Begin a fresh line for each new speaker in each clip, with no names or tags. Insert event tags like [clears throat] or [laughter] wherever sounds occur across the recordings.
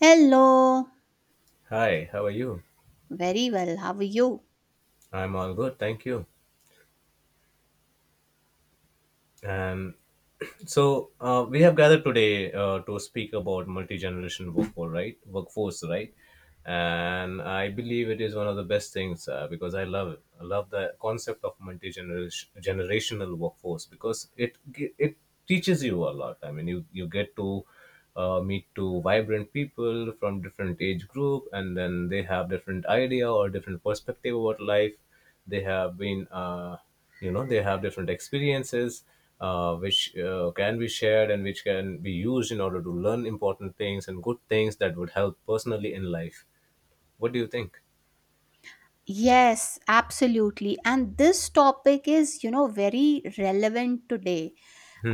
Hello.
Hi, how are you?
Very well. How are you?
I'm all good, thank you. And we have gathered today to speak about multi-generation workforce, right? Workforce, right? And I believe it is one of the best things because I love it. I love the concept of multi-generational workforce because it teaches you a lot. I mean, you get to meet two vibrant people from different age group, and then they have different idea or different perspective about life. They have been, they have different experiences, which can be shared and which can be used in order to learn important things and good things that would help personally in life. What do you think?
Yes, absolutely. And this topic is, you know, very relevant today.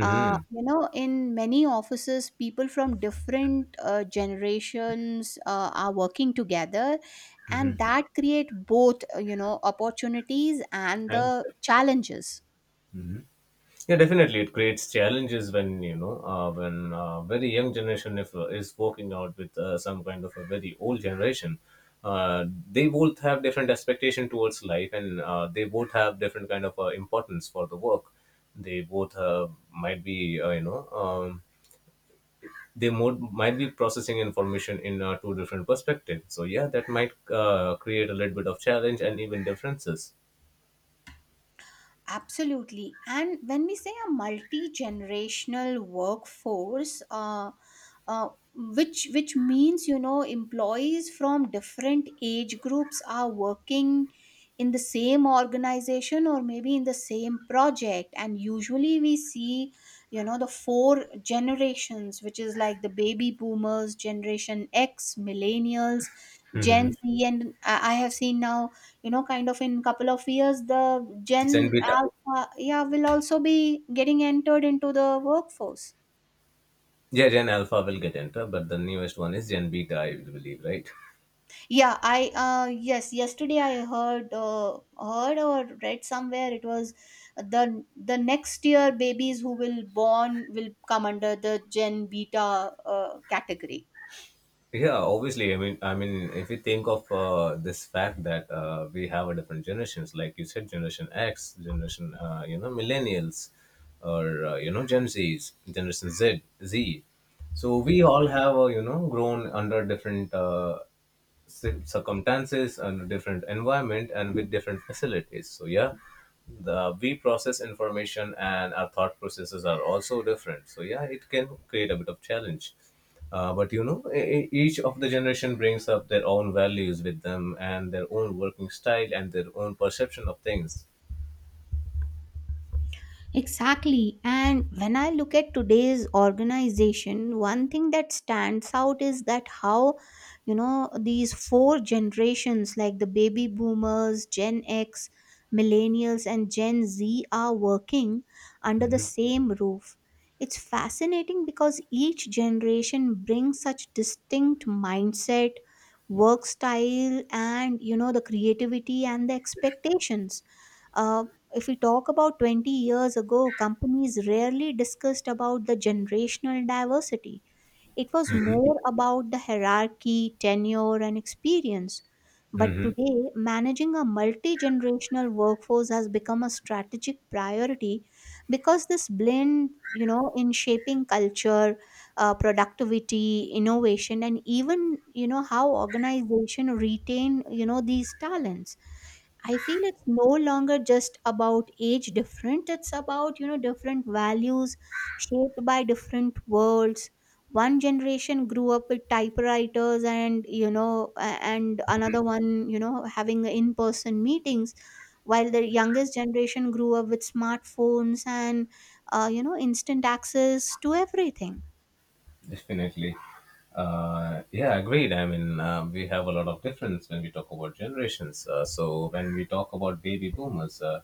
You know, in many offices, people from different generations are working together, and that create both, you know, opportunities and
and
the challenges.
Yeah, definitely, it creates challenges when you know when very young generation if is working out with some kind of a very old generation. Uh, they both have different expectation towards life, and they both have different kind of importance for the work. They both might be might be processing information in two different perspectives. So yeah, that might create a little bit of challenge and even differences.
Absolutely. And when we say a multi-generational workforce, uh, which means, you know, employees from different age groups are working in the same organization, or maybe in the same project. And usually we see, you know, the four generations, which is like the baby boomers, Generation X, millennials,
hmm
Gen Z, and I have seen now, you know, kind of in couple of years, the Gen
And with
Alpha, yeah, will also be getting entered into the workforce.
Yeah, Gen Alpha will get enter, but the newest one is Gen Beta, I believe, right?
Yeah, I yes, yesterday I heard heard or read somewhere, it was the the next year babies who will born will come under the Gen Beta category.
Yeah, obviously. I mean, if you think of this fact that we have a different generations, like you said, Generation X, Generation, Millennials, or Gen Zs, Generation Z. So we all have, grown under different circumstances and different environment and with different facilities. So yeah, the we process information and our thought processes are also different, so yeah, it can create a bit of challenge. But you know, each of the generation brings up their own values with them and their own working style and their own perception of things.
Exactly. And when I look at today's organization, one thing that stands out is that how, you know, these four generations, like the baby boomers, Gen X, millennials, and Gen Z, are working under the
hmm
same roof. It's fascinating because each generation brings such distinct mindset, work style, and, you know, the creativity and the expectations. Uh, if we talk about 20 years ago, companies rarely discussed about the generational diversity. It was more about the hierarchy, tenure, and experience. But today, managing a multi-generational workforce has become a strategic priority, because this blend, you know, in shaping culture, productivity, innovation, and even, you know, how organization retain, you know, these talents. I feel it's no longer just about age different. It's about, you know, different values shaped by different worlds. One generation grew up with typewriters and, you know, and another one, you know, having in person meetings, while the youngest generation grew up with smartphones and, you know, instant access to everything.
Definitely. Yeah, agreed. I mean, we have a lot of difference when we talk about generations. So when we talk about baby boomers,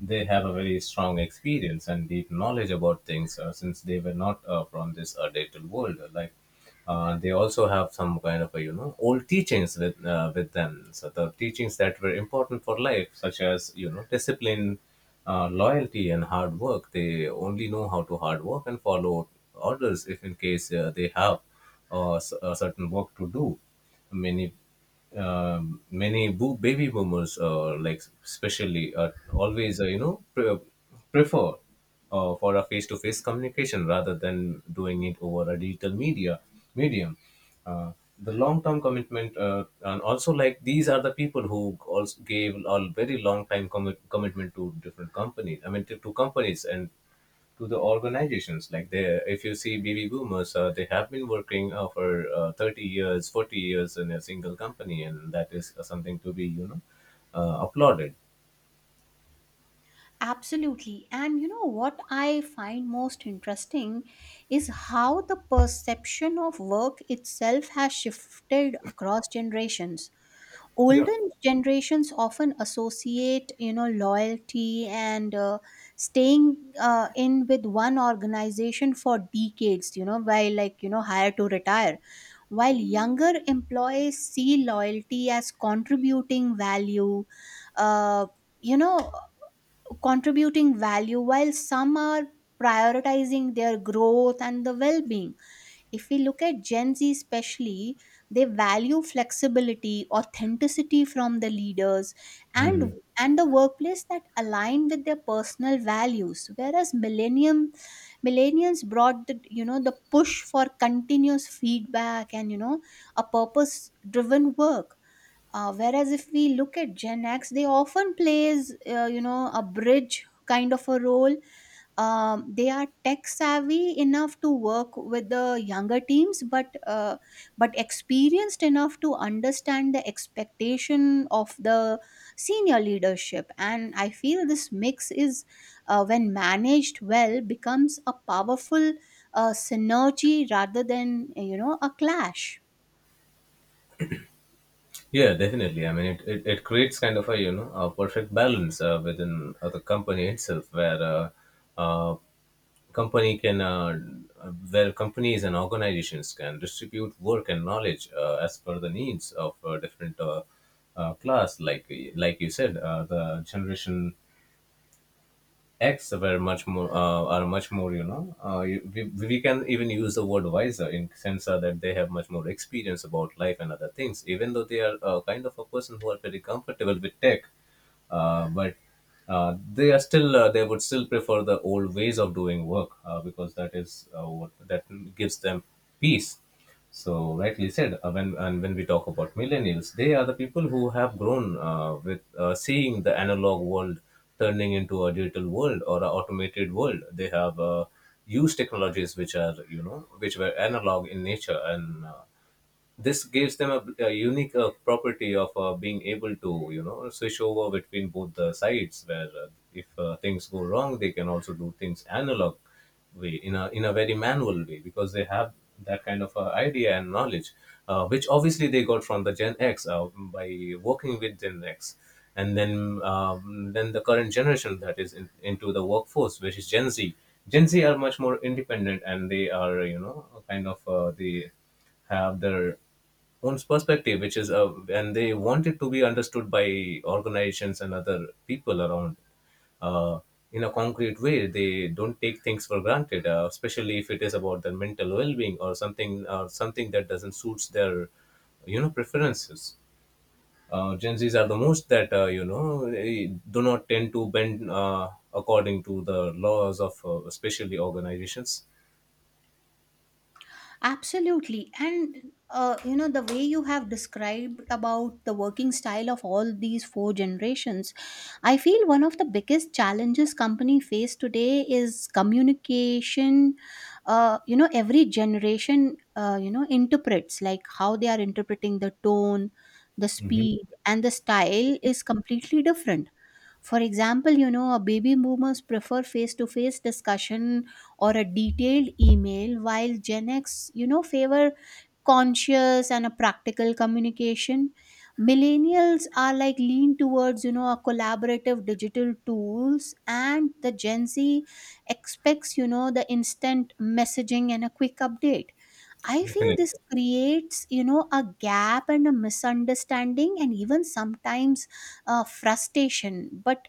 they have a very strong experience and deep knowledge about things since they were not from this digital world. Like they also have some kind of a, you know, old teachings with them. So the teachings that were important for life, such as you know, discipline, loyalty and hard work. They only know how to hard work and follow orders if in case they have a certain work to do. Many many baby boomers, like especially, always prefer for a face-to-face communication rather than doing it over a digital media medium. Uh, the long-term commitment, and also like these are the people who also gave a very long-time commitment to different companies. I mean, to companies and to the organizations. Like they, if you see baby boomers, they have been working for 30 years, 40 years in a single company, and that is something to be, applauded.
Absolutely. And you know what I find most interesting is how the perception of work itself has shifted across generations. Older generations often associate, you know, loyalty and staying in with one organization for decades, you know, while like, you know, hire to retire, while younger employees see loyalty as contributing value, uh, you know, contributing value, while some are prioritizing their growth and the well-being. If we look at Gen Z especially, they value flexibility, authenticity from the leaders, and the workplace that align with their personal values. Whereas millennium millennials brought the, you know, the push for continuous feedback and, you know, a purpose-driven work. Whereas if we look at Gen X, they often plays, you know, a bridge kind of a role. They are tech savvy enough to work with the younger teams, but experienced enough to understand the expectation of the senior leadership. And I feel this mix is, when managed well, becomes a powerful synergy rather than, you know, a clash.
Yeah, definitely. I mean, it creates kind of a, you know, a perfect balance within the company itself, where uh, company can where companies and organizations can distribute work and knowledge as per the needs of different class, like you said, the generation X were much more are much more, you know, we can even use the word wiser in sense that they have much more experience about life and other things, even though they are kind of a person who are very comfortable with tech. But They are still they would still prefer the old ways of doing work because that is what that gives them peace. So rightly said. When and when we talk about millennials, they are the people who have grown with seeing the analog world turning into a digital world or an automated world. They have used technologies which are, you know, which were analog in nature, and this gives them a unique property of being able to, you know, switch over between both the sides, where if things go wrong, they can also do things analog way in a, in a very manual way, because they have that kind of idea and knowledge, which obviously they got from the Gen X by working with Gen X. And then the current generation that is into the workforce, which is Gen Z. Gen Z are much more independent and they are, you know, kind of the have their own perspective, which is and they want it to be understood by organizations and other people around, uh, in a concrete way. They don't take things for granted, especially if it is about their mental well-being or something, or something that doesn't suits their, you know, preferences. Gen Zs are the most that, you know, they do not tend to bend according to the laws of, especially organizations.
Absolutely. And you know, the way you have described about the working style of all these four generations, I feel one of the biggest challenges company face today is communication. You know, every generation, you know, interprets, like how they are interpreting the tone, the
Mm-hmm.
speed, and the style is completely different. For example, you know, a baby boomers prefer face to face discussion or a detailed email, while Gen X, you know, favor conscious and a practical communication. Millennials are like lean towards, you know, a collaborative digital tools, and the Gen Z expects, you know, the instant messaging and a quick update. I feel
Definitely.
this creates, you know, a gap and a misunderstanding and even sometimes frustration. But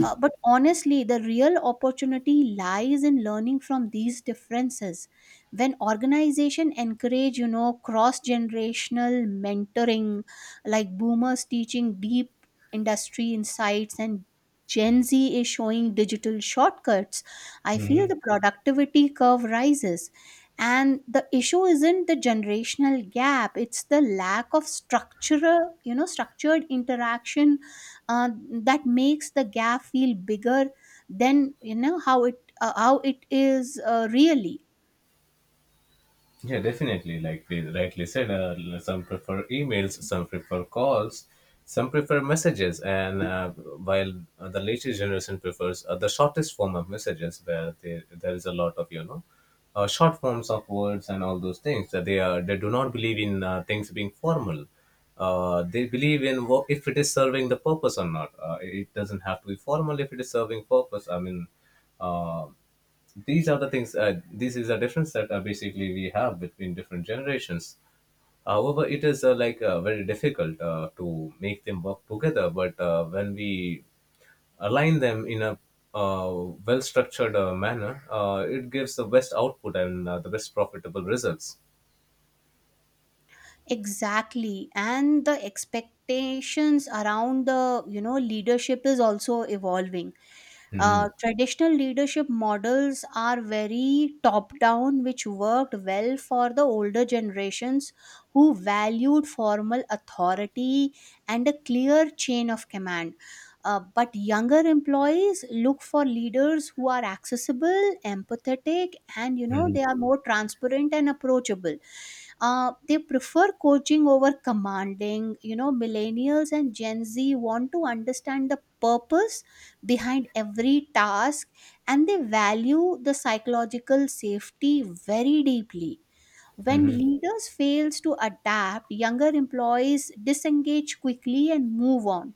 uh, But honestly, the real opportunity lies in learning from these differences. When organization encourage, you know, cross-generational mentoring, like boomers teaching deep industry insights and Gen Z is showing digital shortcuts, I feel
Mhm.
the productivity curve rises, and the issue isn't the generational gap, it's the lack of structural, you know, structured interaction that makes the gap feel bigger than, you know, how it is really.
Yeah, definitely. Like we rightly said, some prefer emails, some prefer calls, some prefer messages, and while the latest generation prefers the shortest form of messages, where they, there is a lot of, you know, short forms of words and all those things. That they are, they do not believe in things being formal. They believe in if it is serving the purpose or not. It doesn't have to be formal if it is serving purpose. I mean. Uh, these are the things This is a difference that basically we have between different generations. However, it is very difficult to make them work together, but when we align them in a uh, well structured manner, it gives the best output and the best profitable results.
Exactly. And the expectations around the, you know, leadership is also evolving.
hmm
Traditional leadership models are very top down, which worked well for the older generations who valued formal authority and a clear chain of command. But younger employees look for leaders who are accessible, empathetic, and, you know,
hmm
they are more transparent and approachable. They prefer coaching over commanding. You know, millennials and Gen Z want to understand the purpose behind every task, and they value the psychological safety very deeply. When
hmm
leaders fails to adapt, younger employees disengage quickly and move on.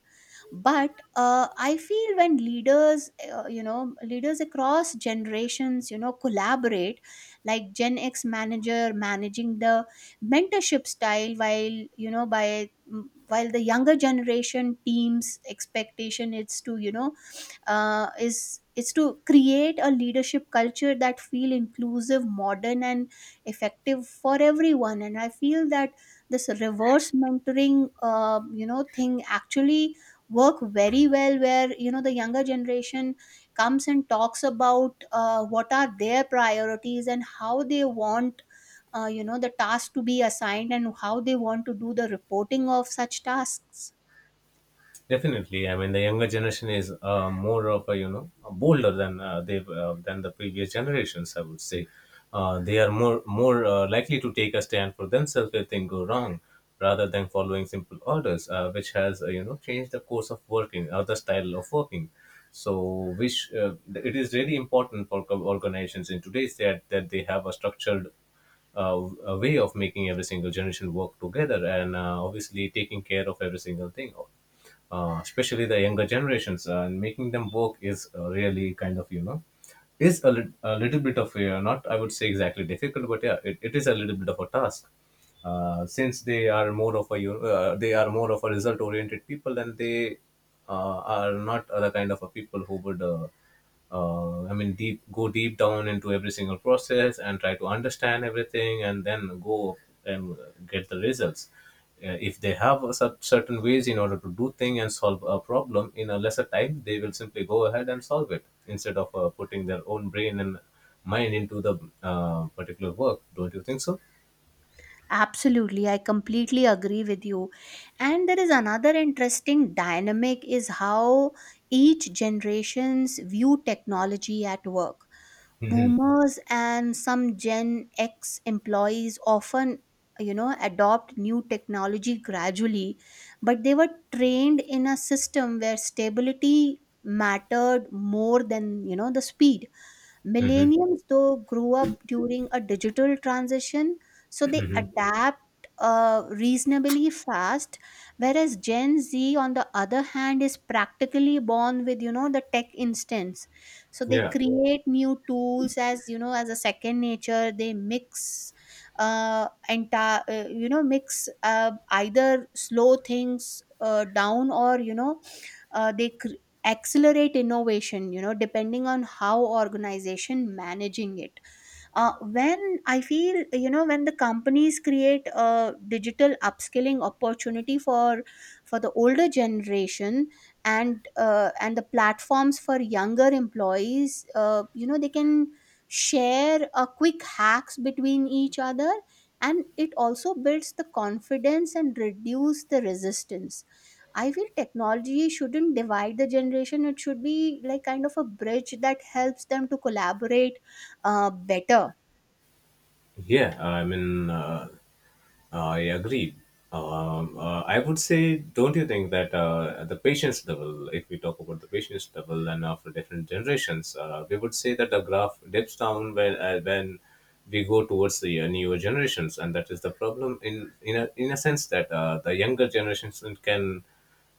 But I feel when leaders you know, leaders across generations, you know, collaborate, like Gen X manager managing the mentorship style while, you know, while the younger generation teams expectation is to, you know, is to create a leadership culture that feel inclusive, modern, and effective for everyone. And I feel that this reverse mentoring, you know, thing actually work very well, where, you know, the younger generation comes and talks about what are their priorities and how they want, you know, the task to be assigned and how they want to do the reporting of such tasks.
Definitely. I mean, the younger generation is more of a, you know, bolder than they than the previous generations. I would say they are more likely to take a stand for themselves if things go wrong, rather than following simple orders, which has you know, changed the course of working or the style of working. So, which it is really important for organizations in today's that they have a structured a way of making every single generation work together, and obviously taking care of every single thing, especially the younger generations, and making them work is really kind of, you know, is a, a little bit of a, not I would say exactly difficult, but yeah, it is a little bit of a task. Since they are more of a, you know, they are more of a result oriented people, and they are not other kind of a people who would. I mean, deep down into every single process and try to understand everything, and then go and get the results. If they have a certain ways in order to do thing and solve a problem in a lesser time, they will simply go ahead and solve it instead of putting their own brain and mind into the particular work. Don't you think so?
Absolutely, I completely agree with you. And there is another interesting dynamic is how each generations view technology at work.
Mm-hmm.
Boomers and some Gen X employees often, you know, adopt new technology gradually, but they were trained in a system where stability mattered more than, you know, the speed.
Mm-hmm.
Millennials, though, grew up during a digital transition, so they adapt reasonably fast. Whereas Gen Z, on the other hand, is practically born with, you know, the tech instance. So they
Yeah,
create new tools as, you know, as a second nature. They mix entire, you know, mix, either slow things down, or, you know, uh, they cr- accelerate innovation, you know, depending on how organization managing it. When I feel, you know, when the companies create a digital upskilling opportunity for the older generation, and the platforms for younger employees, you know, they can share a quick hacks between each other, and it also builds the confidence and reduce the resistance. I feel technology shouldn't divide the generation, it should be like kind of a bridge that helps them to collaborate better.
yeah. I mean. I agree. I would say, don't you think that at the patient's level, if we talk about the patient's level and after different generations, we would say that the graph dips down when we go towards the newer generations, and that is the problem in a sense that the younger generations can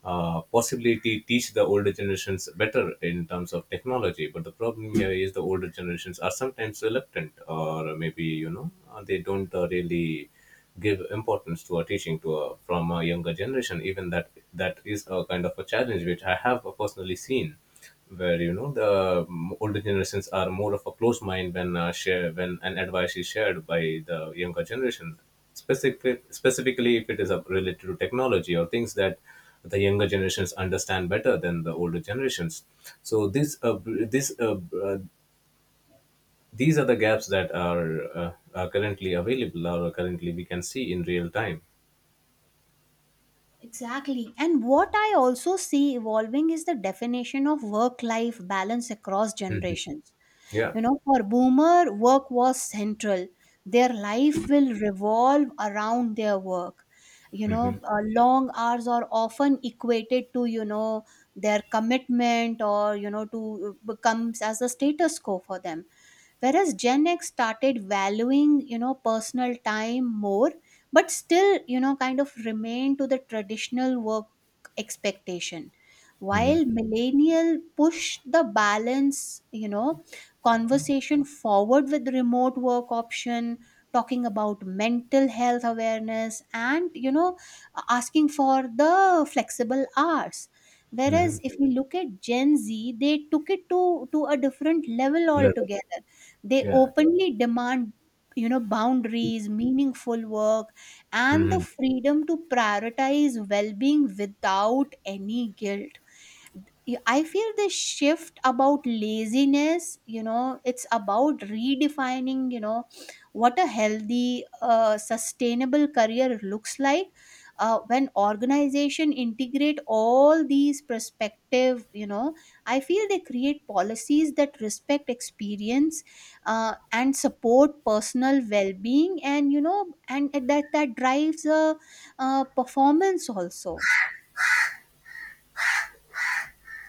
possibly teach the older generations better in terms of technology. But the problem here is the older generations are sometimes reluctant, or maybe you know they don't really give importance to a teaching to a, from a younger generation. Even that that is a kind of a challenge which I have personally seen, where you know, the older generations are more of a close mind when share when an advice is shared by the younger generation, specifically if it is related to technology or things that the younger generations understand better than the older generations. So this b- this b- these are the gaps that are currently available or currently we can see in real time.
Exactly. And what I also see evolving is the definition of work life balance across generations.
Yeah.
You know, for boomer, work was central. Their life will revolve around their work. You know, long hours are often equated to, you know, their commitment, or, you know, to becomes as a status quo for them. Whereas Gen X started valuing, you know, personal time more, but still, you know, kind of remained to the traditional work expectation. While millennial push the balance, you know, conversation forward with remote work option, talking about mental health awareness, and, you know, asking for the flexible hours. Whereas
hmm
if we look at Gen Z, they took it to a different level
Leather.
altogether. They
Yeah.
openly demand, you know, boundaries, meaningful work, and the
hmm
freedom to prioritize well-being without any guilt. Yeah, I feel this shift about laziness, you know, it's about redefining, you know, what a healthy, sustainable career looks like. When organization integrate all these perspective, you know, I feel they create policies that respect experience and support personal well-being, and, you know, and that drives a, performance also.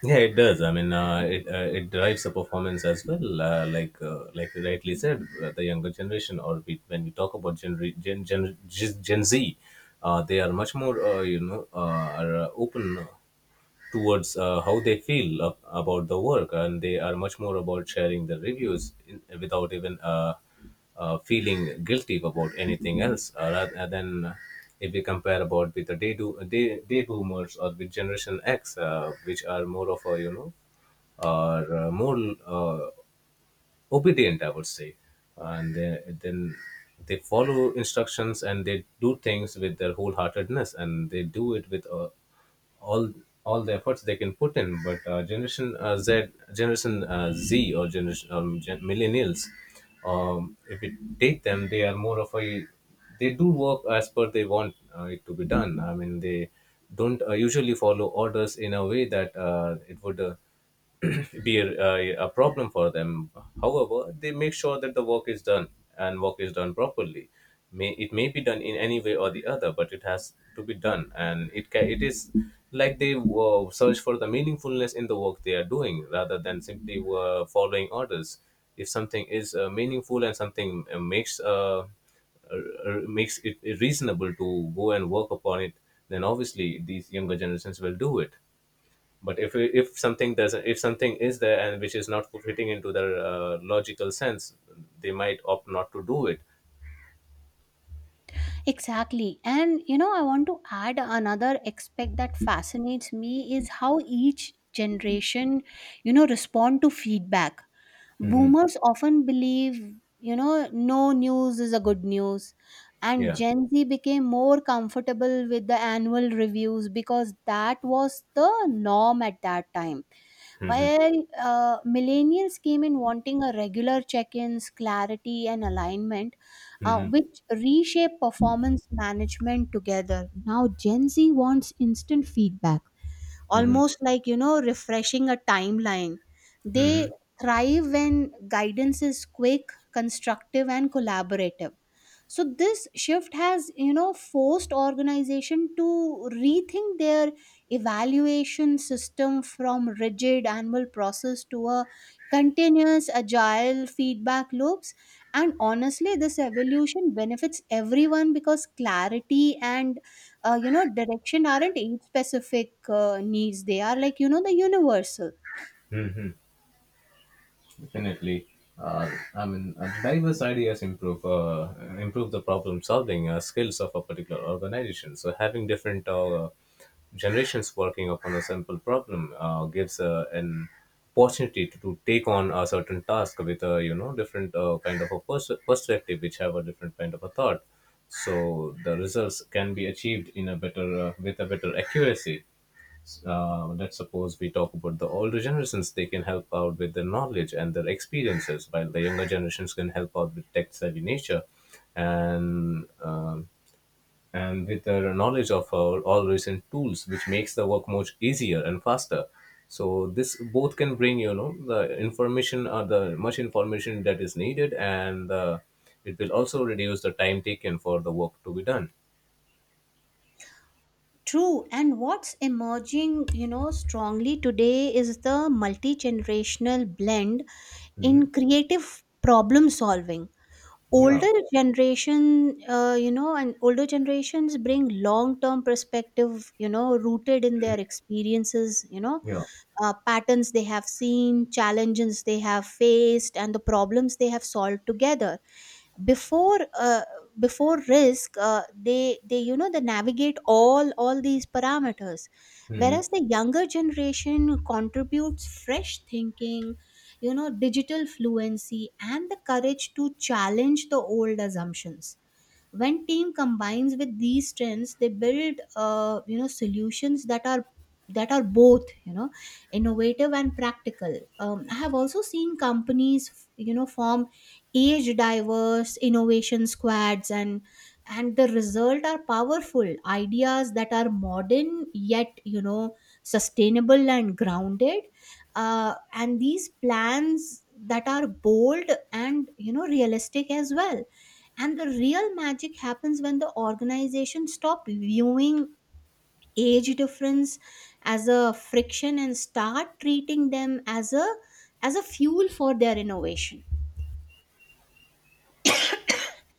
Yeah, it does. I mean, it it drives the performance as well. Like like you rightly said, the younger generation, or we, when we talk about Gen Re- Gen Gen, Gen Z, they are much more are open towards how they feel about the work, and they are much more about sharing the reviews in, without even feeling guilty about anything else, rather than if we compare about with the day boomers or with generation x, which are more of a, you know, are more, uh, obedient, I would say, and then they follow instructions and they do things with their wholeheartedness, and they do it with all all the efforts they can put in. But generation Z, or generation millennials, if you take them, they are more of a, they do work as per they want it to be done. I mean, they don't usually follow orders in a way that it would. [clears throat] Be a problem for them. However, they make sure that the work is done and work is done properly. It may be done in any way or the other, but it has to be done, and it is like they search for the meaningfulness in the work they are doing rather than simply following orders. If something is meaningful and something makes it reasonable to go and work upon it, then obviously these younger generations will do it. But if something doesn't, if something is there and which is not fitting into their logical sense, they might opt not to do it.
Exactly. And you know, I want to add another aspect that fascinates me is how each generation, you know, respond to feedback. Boomers often believe, you know, no news is a good news. And
Yeah.
Gen Z became more comfortable with the annual reviews because that was the norm at that time, while millennials came in wanting a regular check ins, clarity, and alignment, which reshape performance management together. Now, Gen Z wants instant feedback, almost like, you know, refreshing a timeline. They thrive when guidance is quick, constructive, and collaborative, so this shift has forced organization to rethink their evaluation system from rigid annual process to a continuous agile feedback loops. And honestly, this evolution benefits everyone because clarity and direction aren't age specific needs. They are like the universal.
Definitely. I mean, diverse ideas improve the problem solving skills of a particular organization. So having different generations working upon a simple problem gives an opportunity to take on a certain task with a, you know, different kind of a perspective, which have a different kind of a thought. So the results can be achieved in a better, with a better accuracy. Let's suppose we talk about the older generations, they can help out with their knowledge and their experiences, while the younger generations can help out with tech savvy nature and, um, and with their knowledge of our all recent tools, which makes the work much easier and faster. So this both can bring, you know, the information or the much information that is needed, and it will also reduce the time taken for the work to be done.
True, and what's emerging, strongly today is the multi generational blend in creative problem solving.
Yeah.
older generation Older generations bring long term perspective rooted in their experiences
Yeah.
Patterns they have seen, challenges they have faced, and the problems they have solved together before. Before risk, they you know they navigate all these parameters,
Mhm.
whereas the younger generation contributes fresh thinking, digital fluency, and the courage to challenge the old assumptions. When team combines with these strengths, they build solutions that are both innovative and practical. I have also seen companies form age diverse innovation squads, and the result are powerful ideas that are modern yet sustainable and grounded, and these plans that are bold and realistic as well. And the real magic happens when the organization stop viewing age difference as a friction and start treating them as a fuel for their innovation.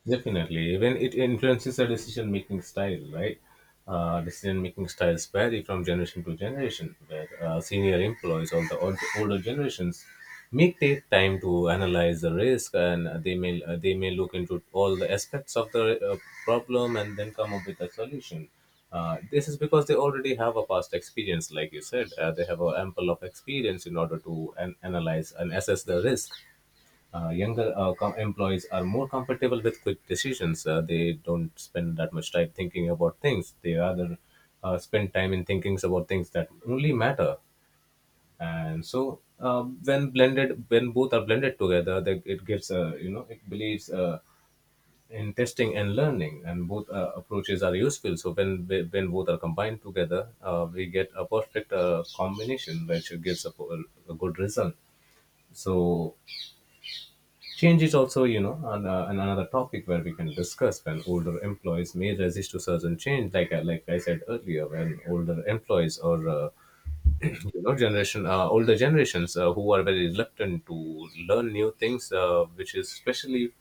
Definitely. Even it influences the decision making style, right? Decision making styles vary from generation to generation, where senior employees or the older generations may take time to analyze the risk, and they may look into all the aspects of the problem and then come up with a solution. This is because they already have a past experience, like you said. They have a ample of experience in order to analyze and assess the risk. Younger employees are more comfortable with quick decisions. They don't spend that much time thinking about things. They rather spend time in thinking about things that only matter. And so, when blended, when both are blended together, it gives a, you know, it believes in testing and learning, and both approaches are useful. So when both are combined together, we get a perfect combination which gives a good result. So change is also, you know, an another topic where we can discuss, when older employees may resist to certain change, like like I said earlier, when older employees or you know generation older generations who are very reluctant to learn new things, which is especially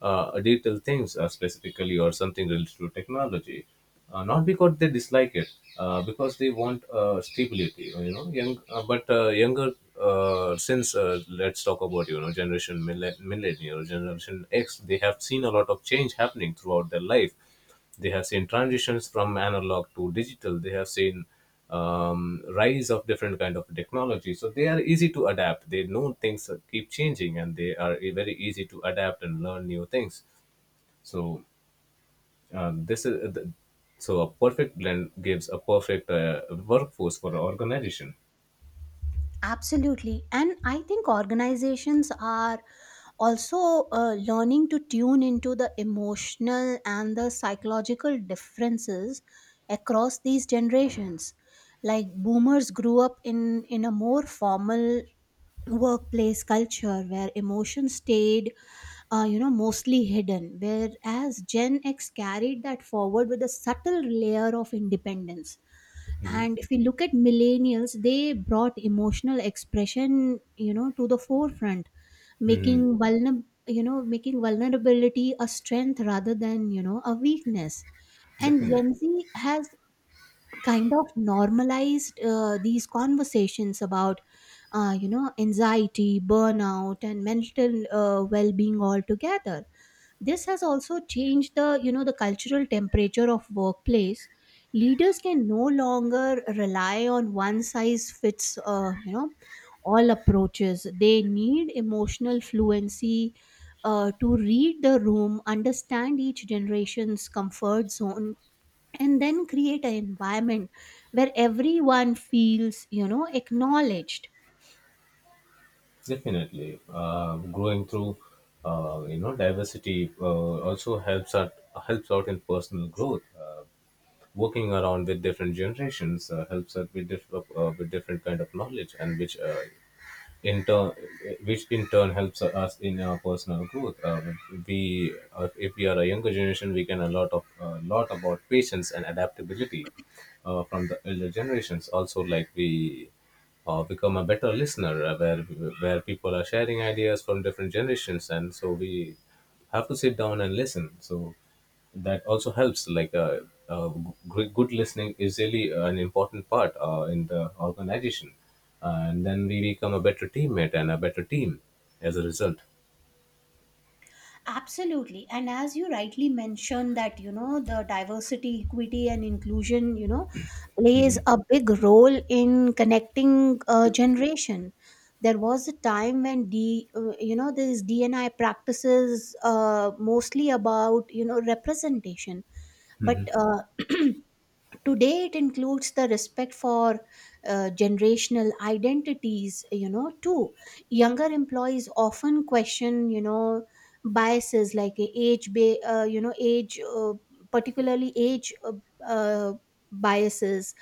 digital things specifically, or something related to technology, not because they dislike it, because they want stability, you know. Young uh, but uh, younger, since let's talk about, you know, generation millennial, generation x, they have seen a lot of change happening throughout their life. They have seen transitions from analog to digital. They have seen rise of different kind of technology. So they are easy to adapt. They know things keep changing, and they are very easy to adapt and learn new things. So um, this is the, a perfect blend gives a perfect workforce for an organization.
Absolutely. And I think organizations are also learning to tune into the emotional and the psychological differences across these generations. Like boomers grew up in a more formal workplace culture where emotions stayed mostly hidden, whereas Gen X carried that forward with a subtle layer of independence.
Hmm.
And if we look at millennials, they brought emotional expression to the forefront,
Hmm.
making vulnerability a strength rather than a weakness. And
Definitely,
Gen Z has kind of normalized these conversations about anxiety, burnout, and mental well-being altogether. This has also changed the you know the cultural temperature of workplace. Leaders can no longer rely on one size fits all approaches. They need emotional fluency to read the room, understand each generation's comfort zone, and then create an environment where everyone feels acknowledged.
definitely. Growing through, you know, diversity also helps out in personal growth. Working around with different generations helps us with, with different kind of knowledge, and which in turn, helps us in our personal growth. We If we are a younger generation, we can a lot about patience and adaptability from the elder generations also. Like, we become a better listener, where people are sharing ideas from different generations, and so we have to sit down and listen. So that also helps. Uh, Good listening is really an important part in the organization. And then we become a better teammate and a better team as a result.
Absolutely. And as you rightly mentioned that the diversity, equity and inclusion plays a big role in connecting a generation. There was a time when d you know these DNI practices mostly about representation, but
Hmm.
[clears throat] today it includes the respect for generational identities too. Younger employees often question biases, like a age ba- you know age, particularly age uh, biases,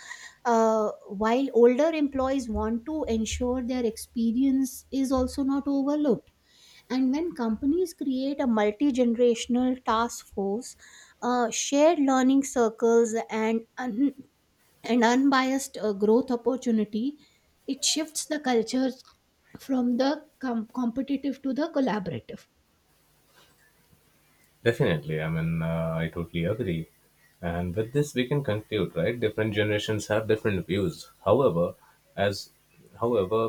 while older employees want to ensure their experience is also not overlooked. And when companies create a multi-generational task force, shared learning circles, and unbiased growth opportunity, it shifts the cultures from the competitive to the collaborative.
Definitely, I mean, I totally agree. And with this we can conclude, right? Different generations have different views. However as however,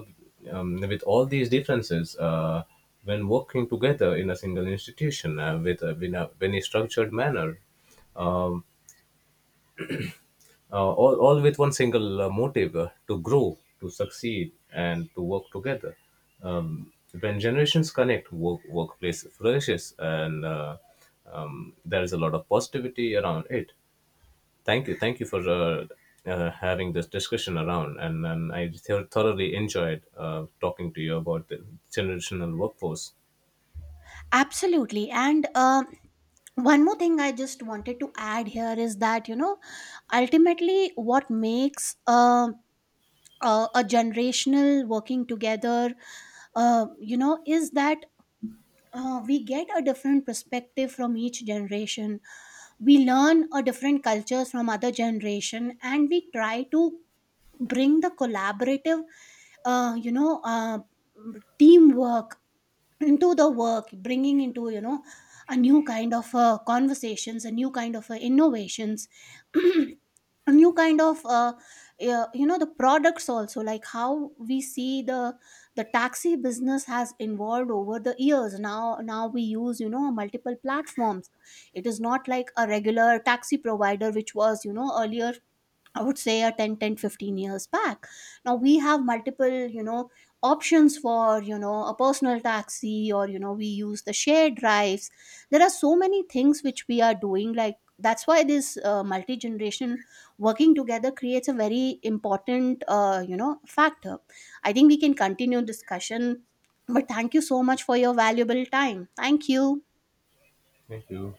with all these differences, when working together in a single institution, in a very structured manner, all with one single motive, to grow, to succeed, and to work together. Um, when generations connect, workplace flourishes, and there is a lot of positivity around it. Thank you for having this discussion around, and I thoroughly enjoyed talking to you about the generational workforce.
Absolutely. And one more thing I just wanted to add here is that, ultimately what makes a, a generational working together, is that we get a different perspective from each generation. We learn a different cultures from other generation, and we try to bring the collaborative uh, you know uh, teamwork into the work, bringing into a new kind of conversations, a new kind of innovations, [clears throat] a new kind of the products also. Like how we see the taxi business has evolved over the years. Now we use multiple platforms. It is not like a regular taxi provider which was earlier, I would say, a 15 years back. Now we have multiple options for a personal taxi, or we use the shared drives. There are so many things which we are doing. Like, that's why this multi generation working together creates a very important factor. I think we can continue discussion. But thank you so much for your valuable time. Thank you.
Thank you.